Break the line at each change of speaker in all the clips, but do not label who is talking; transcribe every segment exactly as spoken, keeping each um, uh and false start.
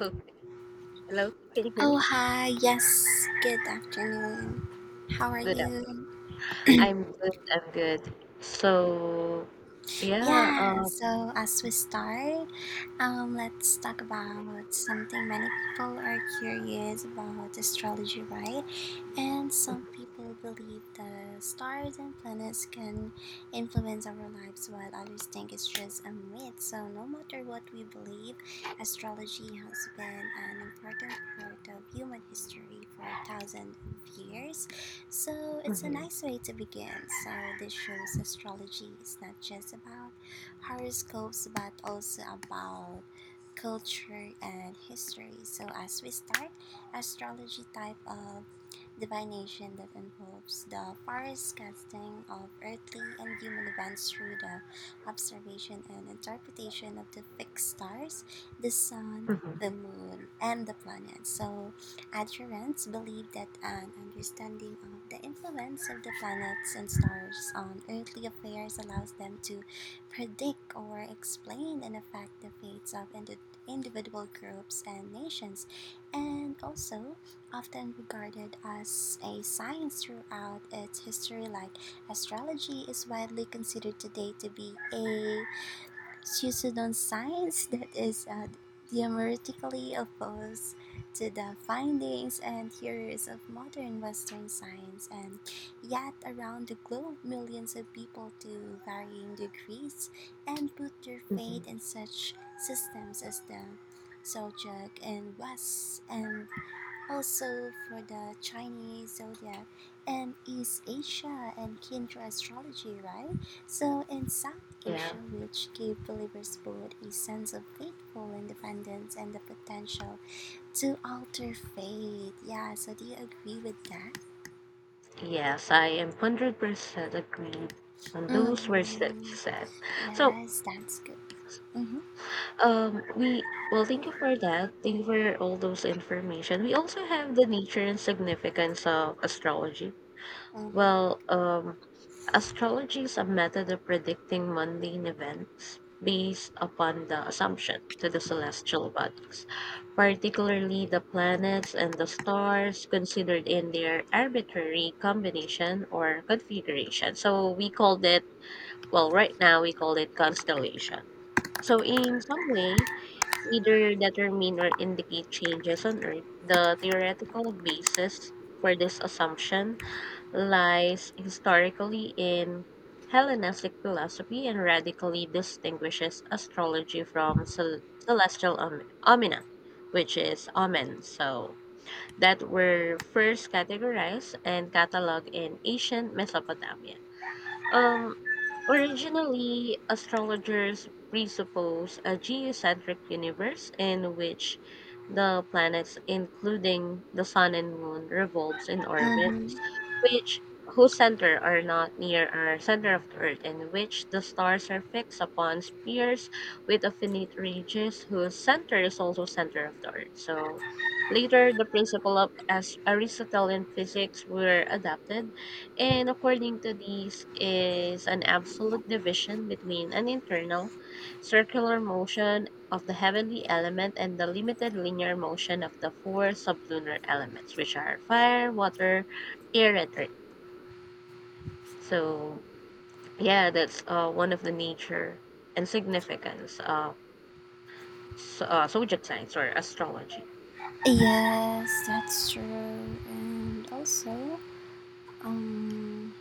Okay. Hello, can you hear
Oh,
me?
hi. Yes. Good afternoon. How are
Good. Uh,
you?
I'm good. I'm good. So, yeah,
Yeah.
um,
So, as we start, um, let's talk about something many people are curious about astrology, right? And some people believe the stars and planets can influence our lives, while others think it's just a myth. So, no matter what we believe, astrology has been an important part of human history for thousands of years. So, it's a
mhm,
nice way to begin. So, this shows astrology is not just about horoscopes, but also about culture and history. So, as we start, astrology type of divination that involves the farthest casting of earthly and human events through the observation and interpretation of the fixed stars, the sun, the
mhm,
moon, and the planets. So, adherents believe that an understanding of the influence of the planets and stars on earthly affairs allows them to predict or explain and affect the fates of indi- individual groups and nations, and also often regarded as a science throughout its history, like astrology is widely considered today to be a pseudoscience that is uh, diametrically opposed to the findings and theories of modern Western science. And yet, around the globe, millions of people to varying degrees and put their
mhm.
faith in such systems as the Zodiac in West and also for the Chinese zodiac and East Asia and Kindra astrology, right? So in South
yeah,
Asia, which give believers both a sense of faithful independence and the potential to alter fate. Yeah, so do you agree with that?
yes, I am one hundred percent agreed on those words that you
Mm-hmm.
said. So,
Yes, that's good. Mm-hmm.
um, we, well, Thank you for that. Thank you for all those information. We also have the nature and significance of astrology.
Mm-hmm.
Well, um, Astrology is a method of predicting mundane events based upon the assumption to the celestial bodies, particularly the planets and the stars considered in their arbitrary combination or configuration. So we called it, well, right now we call it constellation. So in some way, either determine or indicate changes on Earth, the theoretical basis for this assumption lies historically in Hellenistic philosophy and radically distinguishes astrology from cel- celestial om- omina, which is omen. So that were first categorized and cataloged in ancient Mesopotamia. Um, Originally, astrologers presuppose a geocentric universe in which the planets, including the sun and moon, revolves in orbits,
Mm-hmm.
which whose center are not near our center of the earth, in which the stars are fixed upon spheres with affinite regions whose center is also center of the earth. So later the principle of as Aristotelian physics were adapted and according to these is an absolute division between an internal circular motion of the heavenly element and the limited linear motion of the four sublunar elements, which are fire, water, air, and earth. So yeah, that's uh, one of the nature and significance of so, uh, zodiac signs or astrology.
Yes, that's true. And also, um,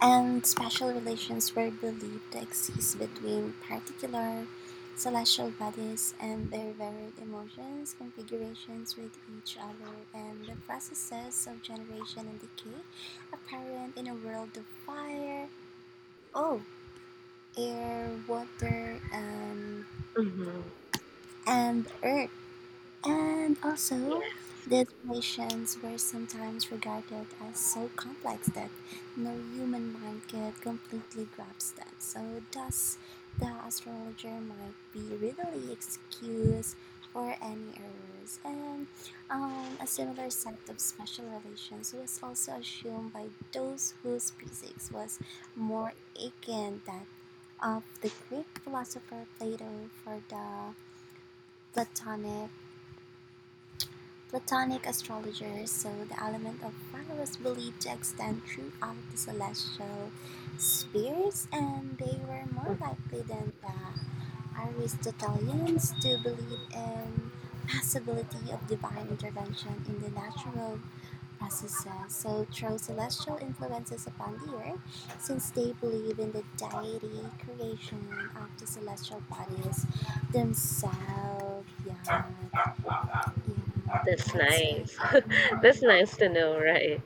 And special relations were believed to exist between particular celestial bodies and their varied emotions, configurations with each other, and the processes of generation and decay apparent in a world of fire, oh, air, water, and,
hmm
and earth. And also,
Yeah,
these relations were sometimes regarded as so complex that no human mind could completely grasp them. So, thus, the astrologer might be readily excused for any errors. And um, a similar set of special relations was also assumed by those whose physics was more akin that of the Greek philosopher Plato for the Platonic Platonic astrologers saw the element of fire was believed to extend throughout the celestial spheres, and they were more
mm,
likely than the Aristotelians to believe in possibility of divine intervention in the natural processes. So through celestial influences upon the earth, since they believe in the deity creation of the celestial bodies themselves. Yeah, yeah,
that's
that's
nice.
it.
That's nice to know, right?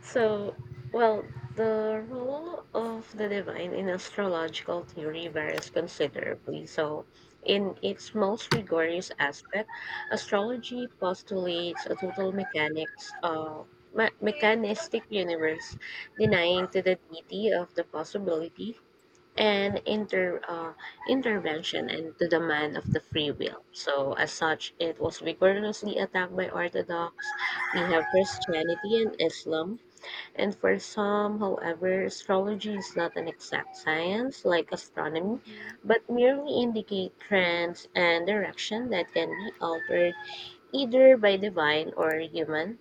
So, well, the role of the divine in astrological theory varies considerably. So, in its most rigorous aspect, astrology postulates a total mechanics uh, me- mechanistic universe, denying to the deity of the possibility and inter uh, intervention and to the man of the free will. So, as such, it was vigorously attacked by Orthodox. We have Christianity and Islam and for some, however, astrology is not an exact science like astronomy,
Mhm.
but merely indicate trends and direction that can be altered either by divine or human.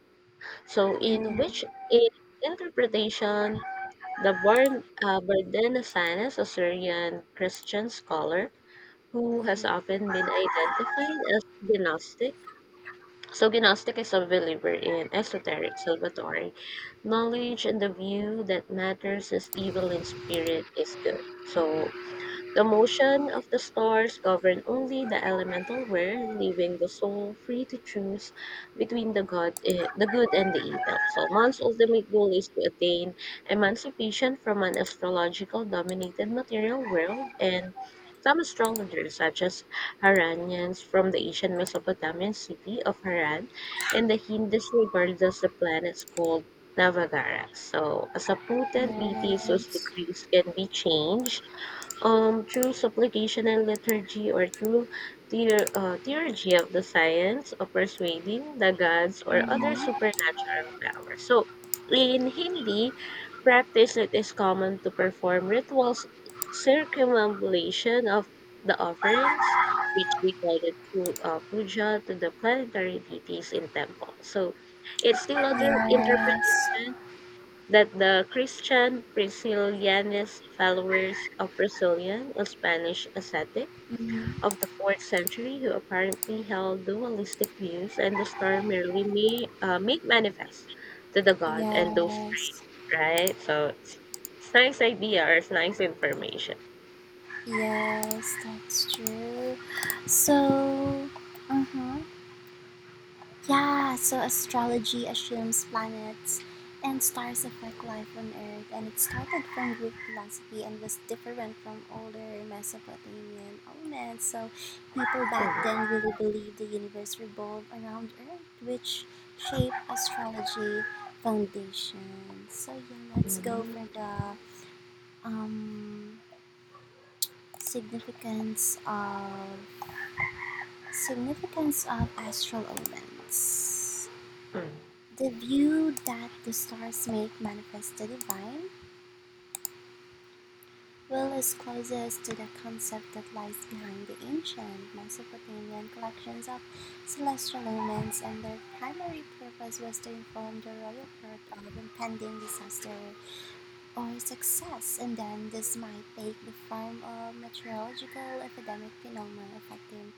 So, in
Mhm.
which in interpretation, the Bar- uh, Bardenasanes, a Syrian Christian scholar who has
Mhm.
often been identified as Gnostic. So, Gnostic is a believer in esoteric salvatory knowledge and the view that matters is evil and spirit is good. So, the motion of the stars govern only the elemental ware, leaving the soul free to choose between the god, eh, the good and the evil. So man's ultimate goal is to attain emancipation from an astrological dominated material world and some astrologers, such as Haranians from the ancient Mesopotamian city of Haran, and the Hindus regarded as the planets called Navagara. So, as a
Mhm.
potent deity whose
Yes.
decrees can be changed um, through supplication and liturgy, or through the uh, theurgy of the science of persuading the gods or other
Mhm.
supernatural power. So, in Hindi, practice it is common to perform rituals circumambulation of the offerings, which we call it pu- uh, puja to the planetary deities in temple. So, it's still other
Yes.
interpretation that the Christian Priscillianist followers of Priscillian, a Spanish ascetic
Mhm.
of the fourth century who apparently held dualistic views, and the star merely may, uh, made manifest to the god and those
Yes.
right? So it's, it's nice idea or it's nice information.
Yes, that's true. So, uh-huh. Yeah, so astrology assumes planets and stars affect life on Earth, and it started from Greek philosophy and was different from older Mesopotamian elements. So, people back
Mm,
then really believed the universe revolved around Earth, which shaped astrology foundation. So, yeah, let's go
mm,
for the um, significance of significance of astral elements.
mm,
The view that the stars make manifest the divine will is closest to the concept that lies behind the ancient Mesopotamian collections of celestial omens, and their primary purpose was to inform the royal court of impending disaster or success, and then this might take the form of meteorological epidemic phenomena affecting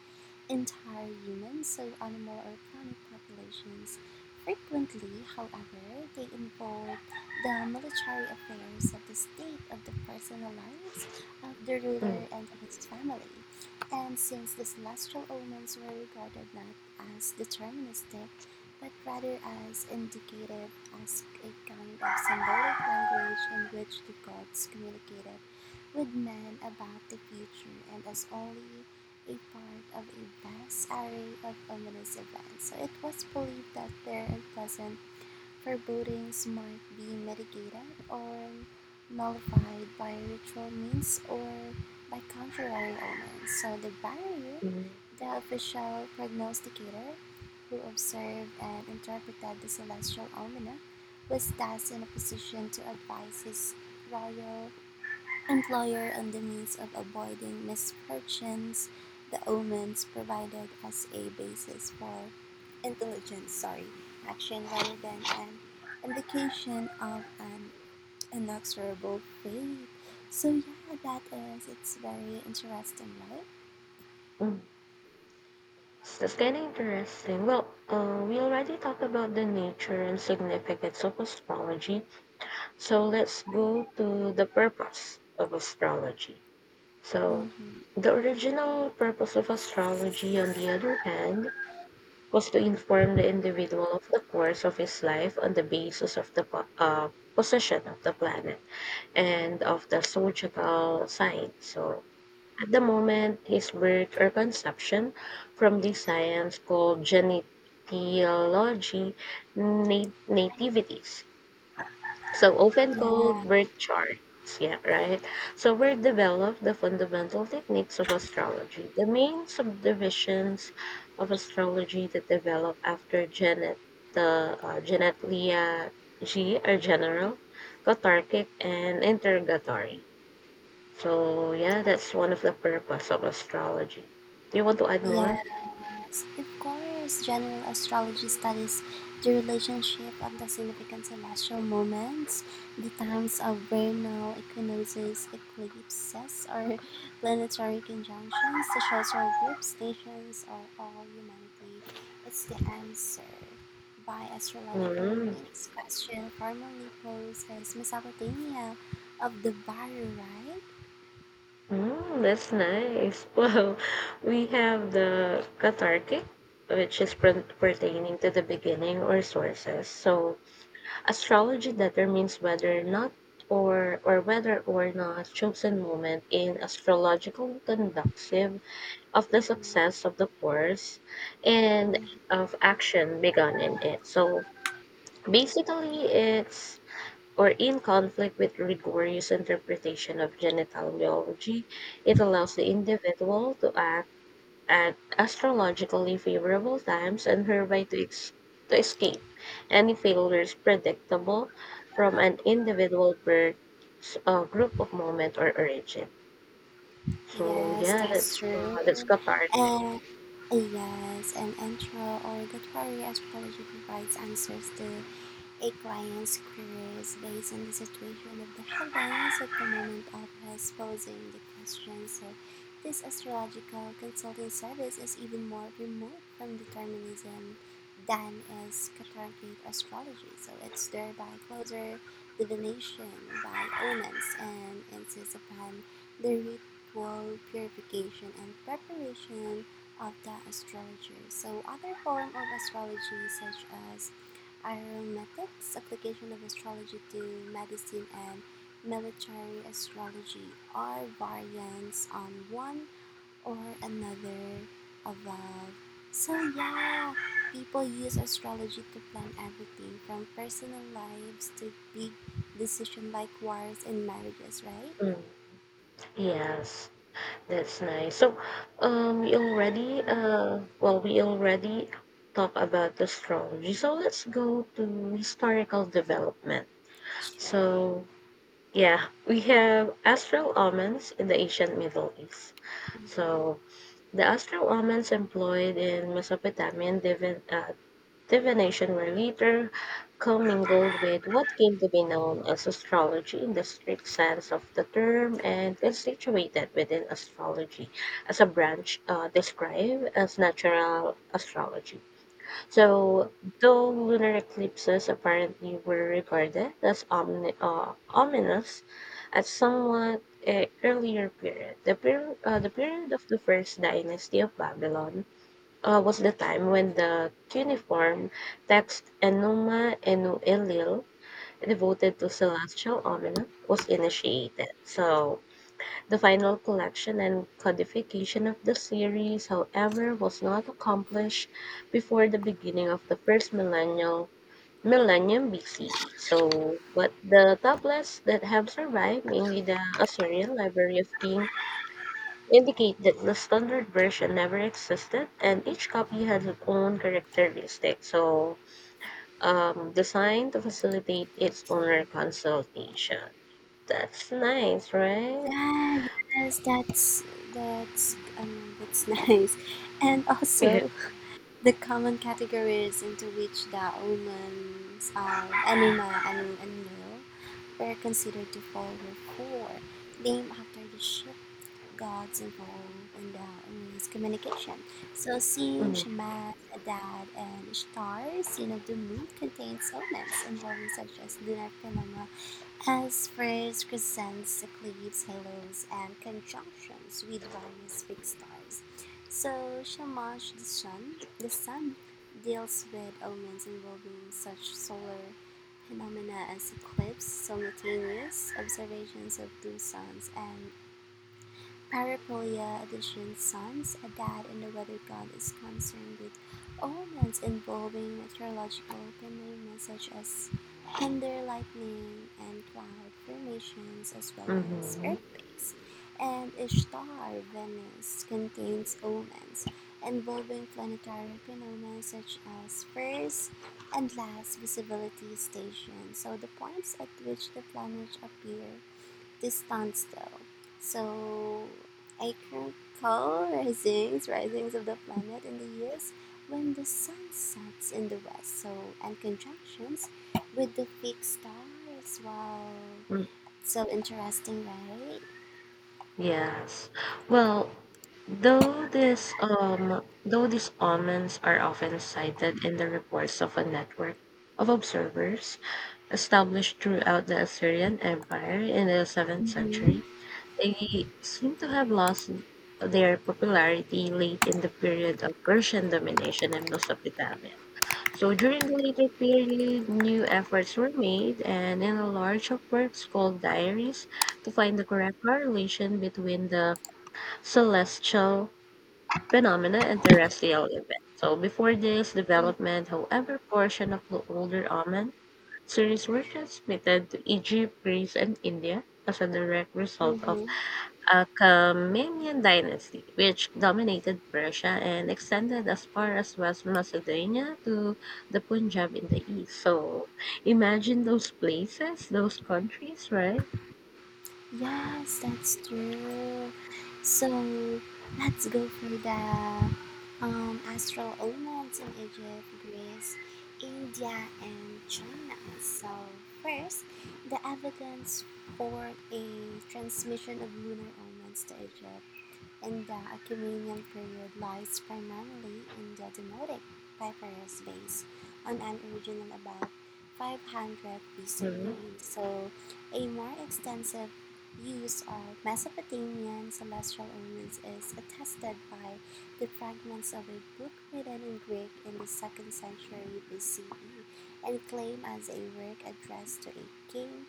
entire human, so animal or plant populations. Frequently, however, they involve the military affairs of the state of the personal lives of the
mm,
ruler and his family. And since the celestial omens were regarded not as deterministic, but rather as indicative as a kind of symbolic language in which the gods communicated with men about the future and as only a part of a vast array of ominous events, so it was believed that their unpleasant forebodings might be mitigated or nullified by ritual means or by contrary omens. So the barrier,
mm,
the official prognosticator who observed and interpreted the celestial almanac, was thus in a position to advise his royal employer on the means of avoiding misfortunes the omens provided as a basis for intelligent sorry action rather than an indication of an inexorable fate. So yeah, that is, it's very interesting, right?
mm. So that's kind of interesting. Well, uh, we already talked about the nature and significance of astrology. So let's go to the purpose of astrology. So,
Mm-hmm.
the original purpose of astrology, on the other hand, was to inform the individual of the course of his life on the basis of the po- uh, position of the planet and of the zodiacal sign. So, at the moment, his birth or conception from the science called genetiology nat- nativities so often
Yeah.
called birth charts yeah right so were developed the fundamental techniques of astrology the main subdivisions of astrology that developed after janet the uh, janet leah g are general cathartic and interrogatory so yeah that's one of the purpose of astrology do you want to add more?
Yes, of course. General astrology studies the relationship of the significant celestial moments, the times of vernal equinoxes, eclipses, or planetary conjunctions the show our groups, nations, or all humanity. It's the answer by astrological
Mm,
needs question formerly posed as Mesopotamia of the Baru, right?
Oh, that's nice. Well, we have the cathartic, which is per- pertaining to the beginning or sources. So, astrology determines whether not or or whether or not chosen moment in astrological conducive of the
Mm-hmm.
success of the course and of action begun in it. So basically it's or in conflict with rigorous interpretation of genitaliology, it allows the individual to act at astrologically favorable times and hereby to, ex- to escape any failures predictable from an individual birth, s- uh, group of moment, or origin. So
Yes,
yeah,
that's
that's uh, that's
true.
the part.
And yes, and intro or literary astrology provides answers to a client's career is based on the situation of the heavens at the moment of his posing the question, so this astrological consulting service is even more remote from determinism than is cathartic astrology, so it's thereby closer divination by omens and insists upon the ritual purification and preparation of the astrologer. So other form of astrology such as aromatics, application of astrology to medicine and military astrology are variants on one or another above. So yeah, people use astrology to plan everything from personal lives to big decision like wars and marriages, right?
Mm. Yes. That's nice. So, um, we already uh, well, we already talked about astrology. So let's go to historical development.
Sure.
So yeah, we have astral omens in the ancient Middle East. So
Mm-hmm.
the astral omens employed in Mesopotamian divi- uh, divination were later commingled with what came to be known as astrology in the strict sense of the term and is situated within astrology as a branch uh, described as natural astrology. So, though lunar eclipses apparently were regarded as omni- uh, ominous at somewhat uh, earlier period, the, per- uh, the period of the first dynasty of Babylon uh, was the time when the cuneiform text Enuma Enu Elil, devoted to celestial almanac, was initiated. So, the final collection and codification of the series, however, was not accomplished before the beginning of the first millennial millennium B C E. So, but the tablets that have survived, mainly the Assyrian Library of King indicate that the standard version never existed and each copy has its own characteristic, so um, designed to facilitate its owner consultation. That's nice, right?
Ah, yes, that's that's um, that's nice, and
Yeah.
also the common categories into which the omens of "anima" and "animo" were considered to fall were four, named after the ship gods involved in the omens' communication. So Sin, Shamash, Adad, and Ishtar, sin of the moon, contains omens involving such as lunar phenomena as phrase crescents, eclipses, halos and conjunctions with various fixed stars. So Shamash, the Sun the Sun deals with omens involving such solar phenomena as eclipses, simultaneous observations of two suns and Paraplegia Edition Sons, a dad and the weather god is concerned with omens involving meteorological phenomena such as thunder, lightning, and cloud formations, as well as
Mm-hmm.
earthquakes. And Ishtar, Venus, contains omens involving planetary phenomena such as first and last visibility stations, so the points at which the planets appear distance though. So I can call risings, risings, of the planet in the years when the sun sets in the west, so and conjunctions with the fixed stars. Wow,
Mm,
so interesting, right?
Yes. Well, though this um though these omens are often cited in the reports of a network of observers established throughout the Assyrian Empire in the seventh century.
Mm-hmm.
They seem to have lost their popularity late in the period of Persian domination in Mesopotamia. So during the later period, new efforts were made and in a large of works called diaries to find the correct correlation between the celestial phenomena and terrestrial events. So before this development, however, portion of the older Amun series were transmitted to Egypt, Greece, and India as a direct result of
Mm-hmm.
a Achaemenid dynasty, which dominated Persia and extended as far as West Macedonia to the Punjab in the east. So imagine those places, those countries, right?
Yes, that's true. So let's go for the um, astral omens in Egypt, Greece, India, and China. So, first, the evidence for a transmission of lunar omens to Egypt and the Aquemanian period lies primarily in the Demotic papyrus base on an original about five hundred
Mm-hmm.
B C E. So, a more extensive use of Mesopotamian celestial omens is attested by the fragments of a book written in Greek in the second century B C E and claimed as a work addressed to a king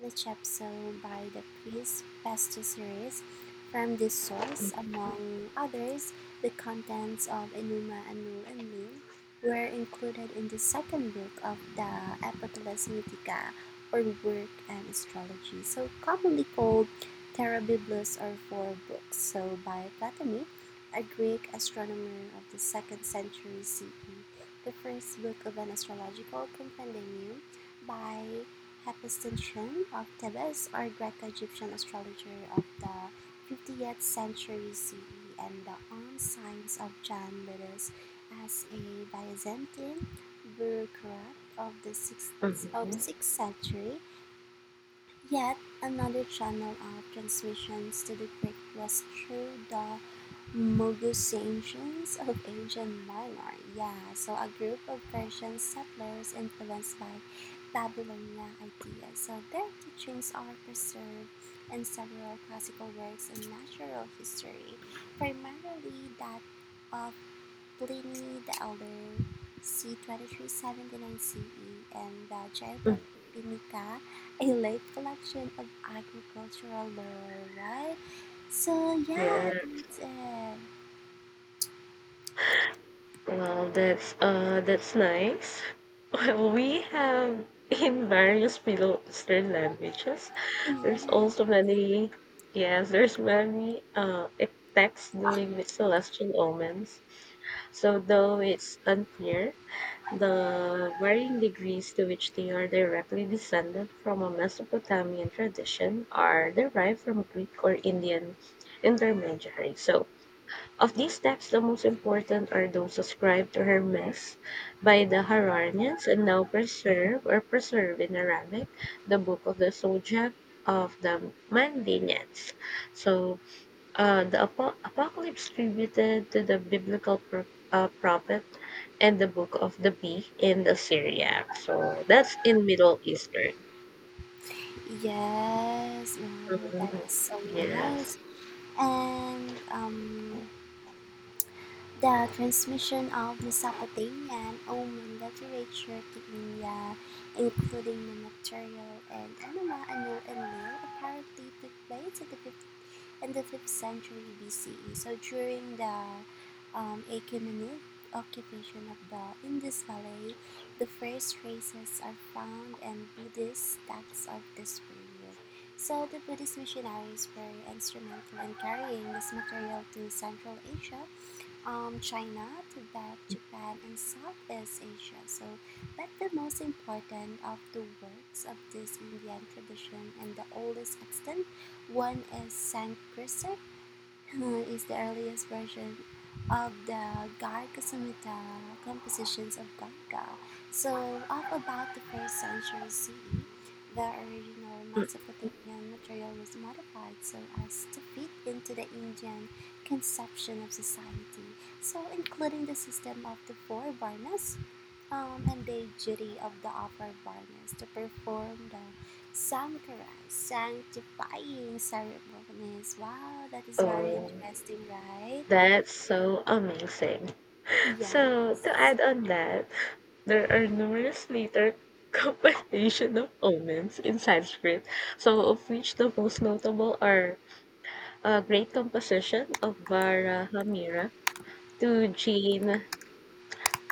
the Chepstow by the Priest Pesticeres. From this source, among others, the contents of Enuma Anu Enlil were included in the second book of the Epitalus Mythica, or Work and Astrology, so commonly called Terra or Four Books, so by Ptolemy, a Greek astronomer of the second century C E. The first book of an astrological compendium by Hephaestion of Thebes or Greco-Egyptian astrologer of the fiftieth century C E and the on signs of John Lydus as a Byzantine bureaucrat of the sixth, of
Mm-hmm.
sixth century. Yet another channel of transmissions to the Greek was through the Mogusancians of Asian Minor. Yeah, so a group of Persian settlers influenced by Babylonia ideas. So their teachings are preserved in several classical works in natural history, primarily that of Pliny the Elder, c. twenty-three seventy-nine C E, and the Jaipurinica, a late collection of agricultural lore, right? So
Yeah.
yeah, that's it.
Well, that's uh that's nice. Well, we have in various Middle Eastern languages. There's
Yeah.
also many yes, there's many uh texts dealing with celestial omens. So though it's unclear, the varying degrees to which they are directly descended from a Mesopotamian tradition are derived from Greek or Indian intermediaries. So of these texts, the most important are those ascribed to Hermes by the Haranians and now preserved or preserved in Arabic, the Book of the Zodiac of the Mandanians. So, uh, the Apo- Apocalypse attributed to the biblical pro- uh, prophet and the Book of the Bee in Assyria. So, that's in Middle Eastern.
Yes, wow, that
Mhm.
is so
Yes.
nice. And um, the transmission of Mesopotamia and Oman literature to India, including the material and animal and new and apparently took place in the in the fifth century B C E. So during the um, Achaemenid occupation of the Indus Valley, the first traces are found in Buddhist texts of this period. So the Buddhist missionaries were instrumental in carrying this material to Central Asia um, China, Tibet, Japan, and Southeast Asia. So, but the most important of the works of this Indian tradition and the oldest extant one is Sanskrit is the earliest version of the Garga Samhita compositions of Ganga. So, up about the first century C E, the original
Mm,
Mesopotamian material was modified so as to fit into the Indian conception of society, so including the system of the four varnas um, and the duty of the upper varnas to perform the Sankara, sanctifying ceremonies. Wow, that is very
Oh,
interesting, right?
that's so amazing. So, to
Yes.
add on that, there are numerous later compilation of omens in Sanskrit, so of which the most notable are a great composition of Varahamira to Jain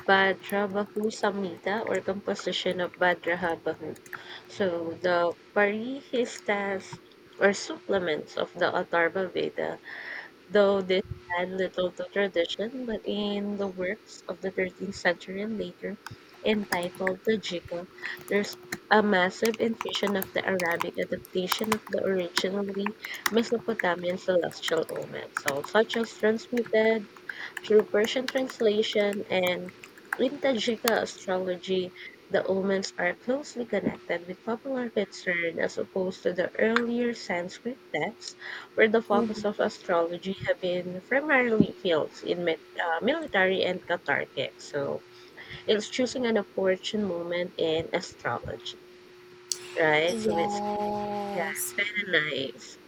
Bhadrabahu Samhita or composition of Bhadrabahu. So the Parihistas or supplements of the Atharva Veda though this had little to tradition, but in the works of the thirteenth century and later, entitled the Jika, there's a massive infusion of the Arabic adaptation of the originally Mesopotamian celestial omens, so such as transmitted through Persian translation and Intagika astrology, the omens are closely connected with popular concern as opposed to the earlier Sanskrit texts, where the focus of
Mhm.
astrology have been primarily fields in mit- uh, military and cathartic. So it's choosing an opportune moment in astrology, right? So it's Yeah,
Yes.
it's kind of nice.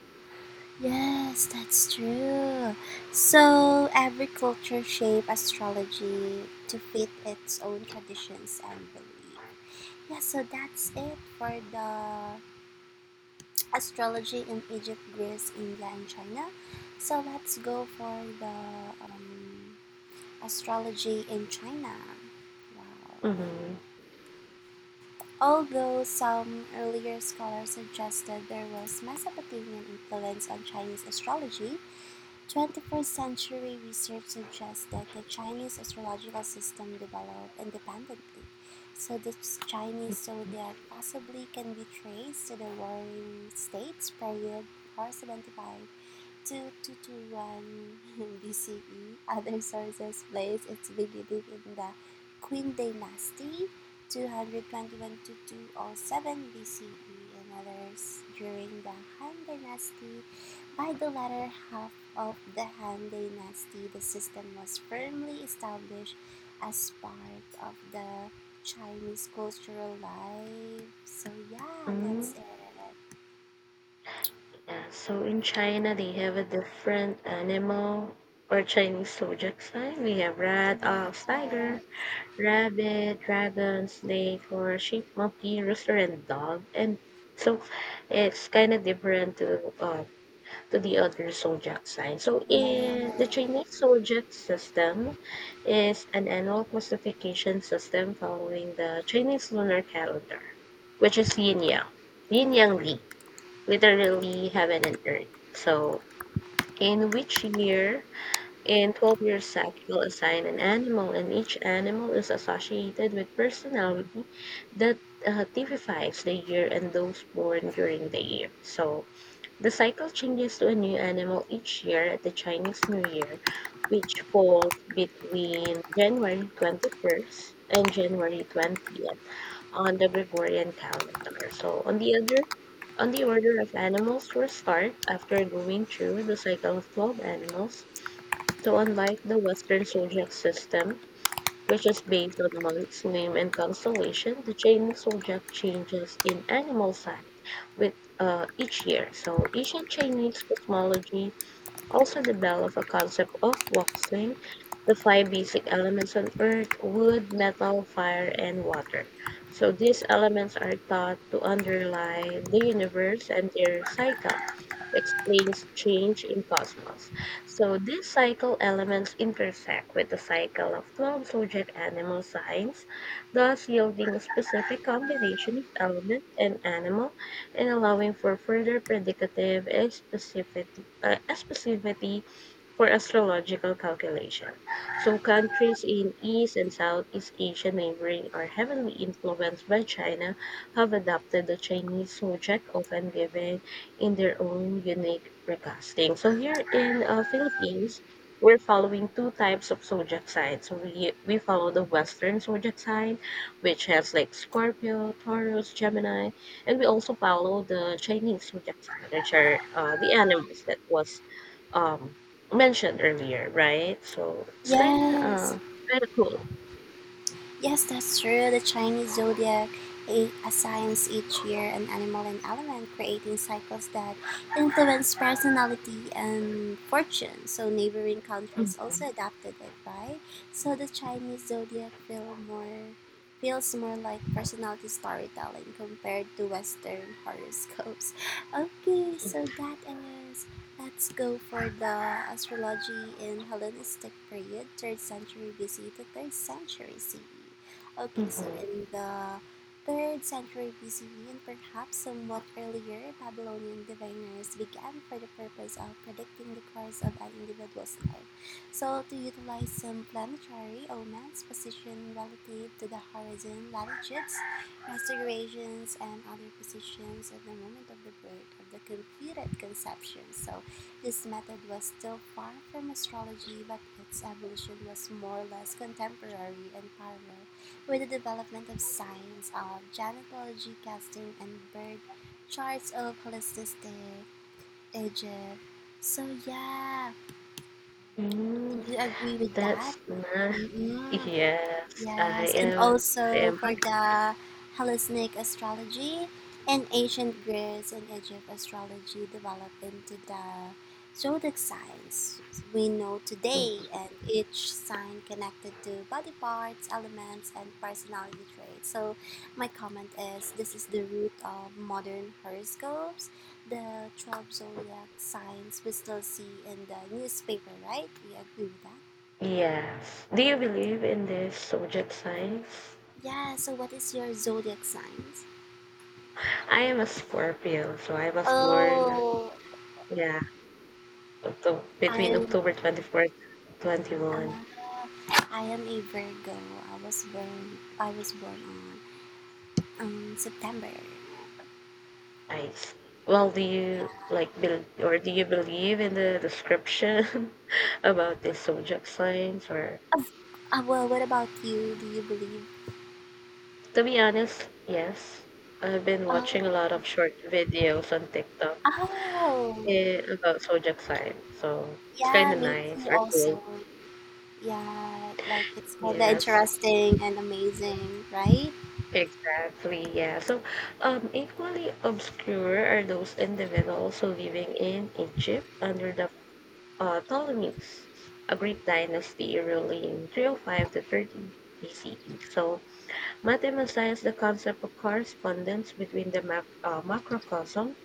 Yes, that's true. So every culture shaped astrology to fit its own traditions and belief. Yeah, so that's it for the astrology in Egypt, Greece, India, and China. So let's go for the um, astrology in China. Wow.
Mm-hmm.
Although some earlier scholars suggested there was Mesopotamian influence on Chinese astrology, twenty-first century research suggests that the Chinese astrological system developed independently. So the Chinese zodiac possibly can be traced to the Warring States period four seventy-five twenty-two twenty-one B C E. Other sources place its beginning in the Qin dynasty two hundred twenty-one to two oh seven B C E and others during the Han dynasty. By the latter half of the Han dynasty, the system was firmly established as part of the Chinese cultural life. So yeah,
Mm-hmm.
that's it.
Yeah, so in China, they have a different animal or Chinese zodiac sign. We have rat, ox,
Yeah.
tiger, rabbit, dragon, snake, or sheep, monkey, rooster, and dog. And so it's kind of different to uh, to the other zodiac sign. So in
Yeah.
the Chinese zodiac system is an annual classification system following the Chinese lunar calendar, which is yin yang, yin yang li literally heaven and earth. So, in which year in twelve year sack you'll assign an animal, and each animal is associated with personality that uh, typifies the year and those born during the year. So, the cycle changes to a new animal each year at the Chinese New Year, which falls between January twenty-first and January twentieth on the Gregorian calendar. So, on the other on the order of animals for start, after going through the cycle of twelve animals, so unlike the Western zodiac system, which is based on months, name, and constellation, the Chinese zodiac changes in animal sign with uh, each year. So ancient Chinese cosmology also developed a concept of Woksung, the five basic elements on earth wood, metal, fire, and water. So these elements are thought to underlie the universe and their cycle explains change in cosmos. So these cycle elements intersect with the cycle of twelve zodiac animal signs, thus yielding a specific combination of element and animal and allowing for further predicative and specificity uh, specificity for astrological calculation. So, countries in East and Southeast Asia neighboring are heavily influenced by China have adopted the Chinese zodiac, often given in their own unique recasting. So, here in uh, Philippines, we're following two types of zodiac signs. So we, we follow the Western zodiac sign, which has like Scorpio, Taurus, Gemini, and we also follow the Chinese zodiac sign, which are uh, the animals that was um, mentioned earlier, right? So it's kind of
Yes,
uh, kind of cool.
yes, that's true. The Chinese zodiac a- assigns each year an animal and element, creating cycles that influence personality and fortune. So, neighboring countries also adapted it, right? So, the Chinese zodiac feel more feels more like personality storytelling compared to Western horoscopes. Okay, so that is, let's go for the astrology in Hellenistic period, third century B C to third century C E. Okay, so
Mm-hmm.
in the third century B C E and perhaps somewhat earlier, Babylonian diviners began for the purpose of predicting the course of an individual's life. So, to utilize some planetary omens, position relative to the horizon, latitudes, restorations and other positions at the moment of the birth of the computed conception. So this method was still far from astrology, but its evolution was more or less contemporary and parallel with the development of science of genetology, casting, and birth charts of holistic Egypt. So, yeah,
Mm,
do you agree with
that's
that?
nice.
Mm-mm.
Yes, I
Yes, and
am. I
also
am. Hun-
for the Hellenic astrology and ancient Greece and Egypt astrology developed into the zodiac signs we know today,
Mhm.
and each sign connected to body parts, elements, and personality traits. So, my comment is this is the root of modern horoscopes, the twelve zodiac signs we still see in the newspaper, right? We agree with that.
Yes. Do you believe in this zodiac signs?
Yeah, so what is your zodiac signs?
I am a Scorpio, so I was born,
Oh,
yeah, Octo
I
between
am.
October twenty-fourth and
I'm
twenty-one.
a, I am a Virgo. I was born. I was born on um September.
I see. Well, do you like bel or do you believe in the description about the zodiac signs? Or
Oh, uh, well, what about you? Do you believe?
to be honest, yes. I've been
Oh,
watching a lot of short videos on TikTok
oh,
eh, about zodiac signs. So it's
yeah.
kind of
Me
nice
too.
or cool.
Also, yeah. Like it's kind the
Yes,
interesting and amazing, right?
exactly. Yeah. So, um, equally obscure are those individuals living in Egypt under the uh, Ptolemies, a Greek dynasty ruling three hundred five to thirty B C E. So, mathematics the concept of correspondence between the mac- uh, macrocosm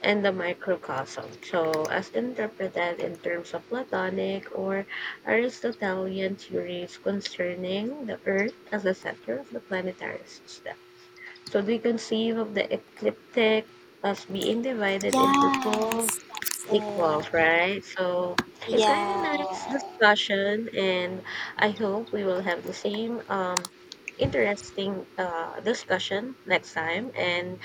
and the microcosm. So, as interpreted in terms of Platonic or Aristotelian theories concerning the Earth as the center of the planetary system. So, they conceive of the ecliptic as being divided into twelve
Yes, that's
equal,
it.
right? So it's kind of nice
Yeah.
discussion, and I hope we will have the same um, interesting uh, discussion next time. And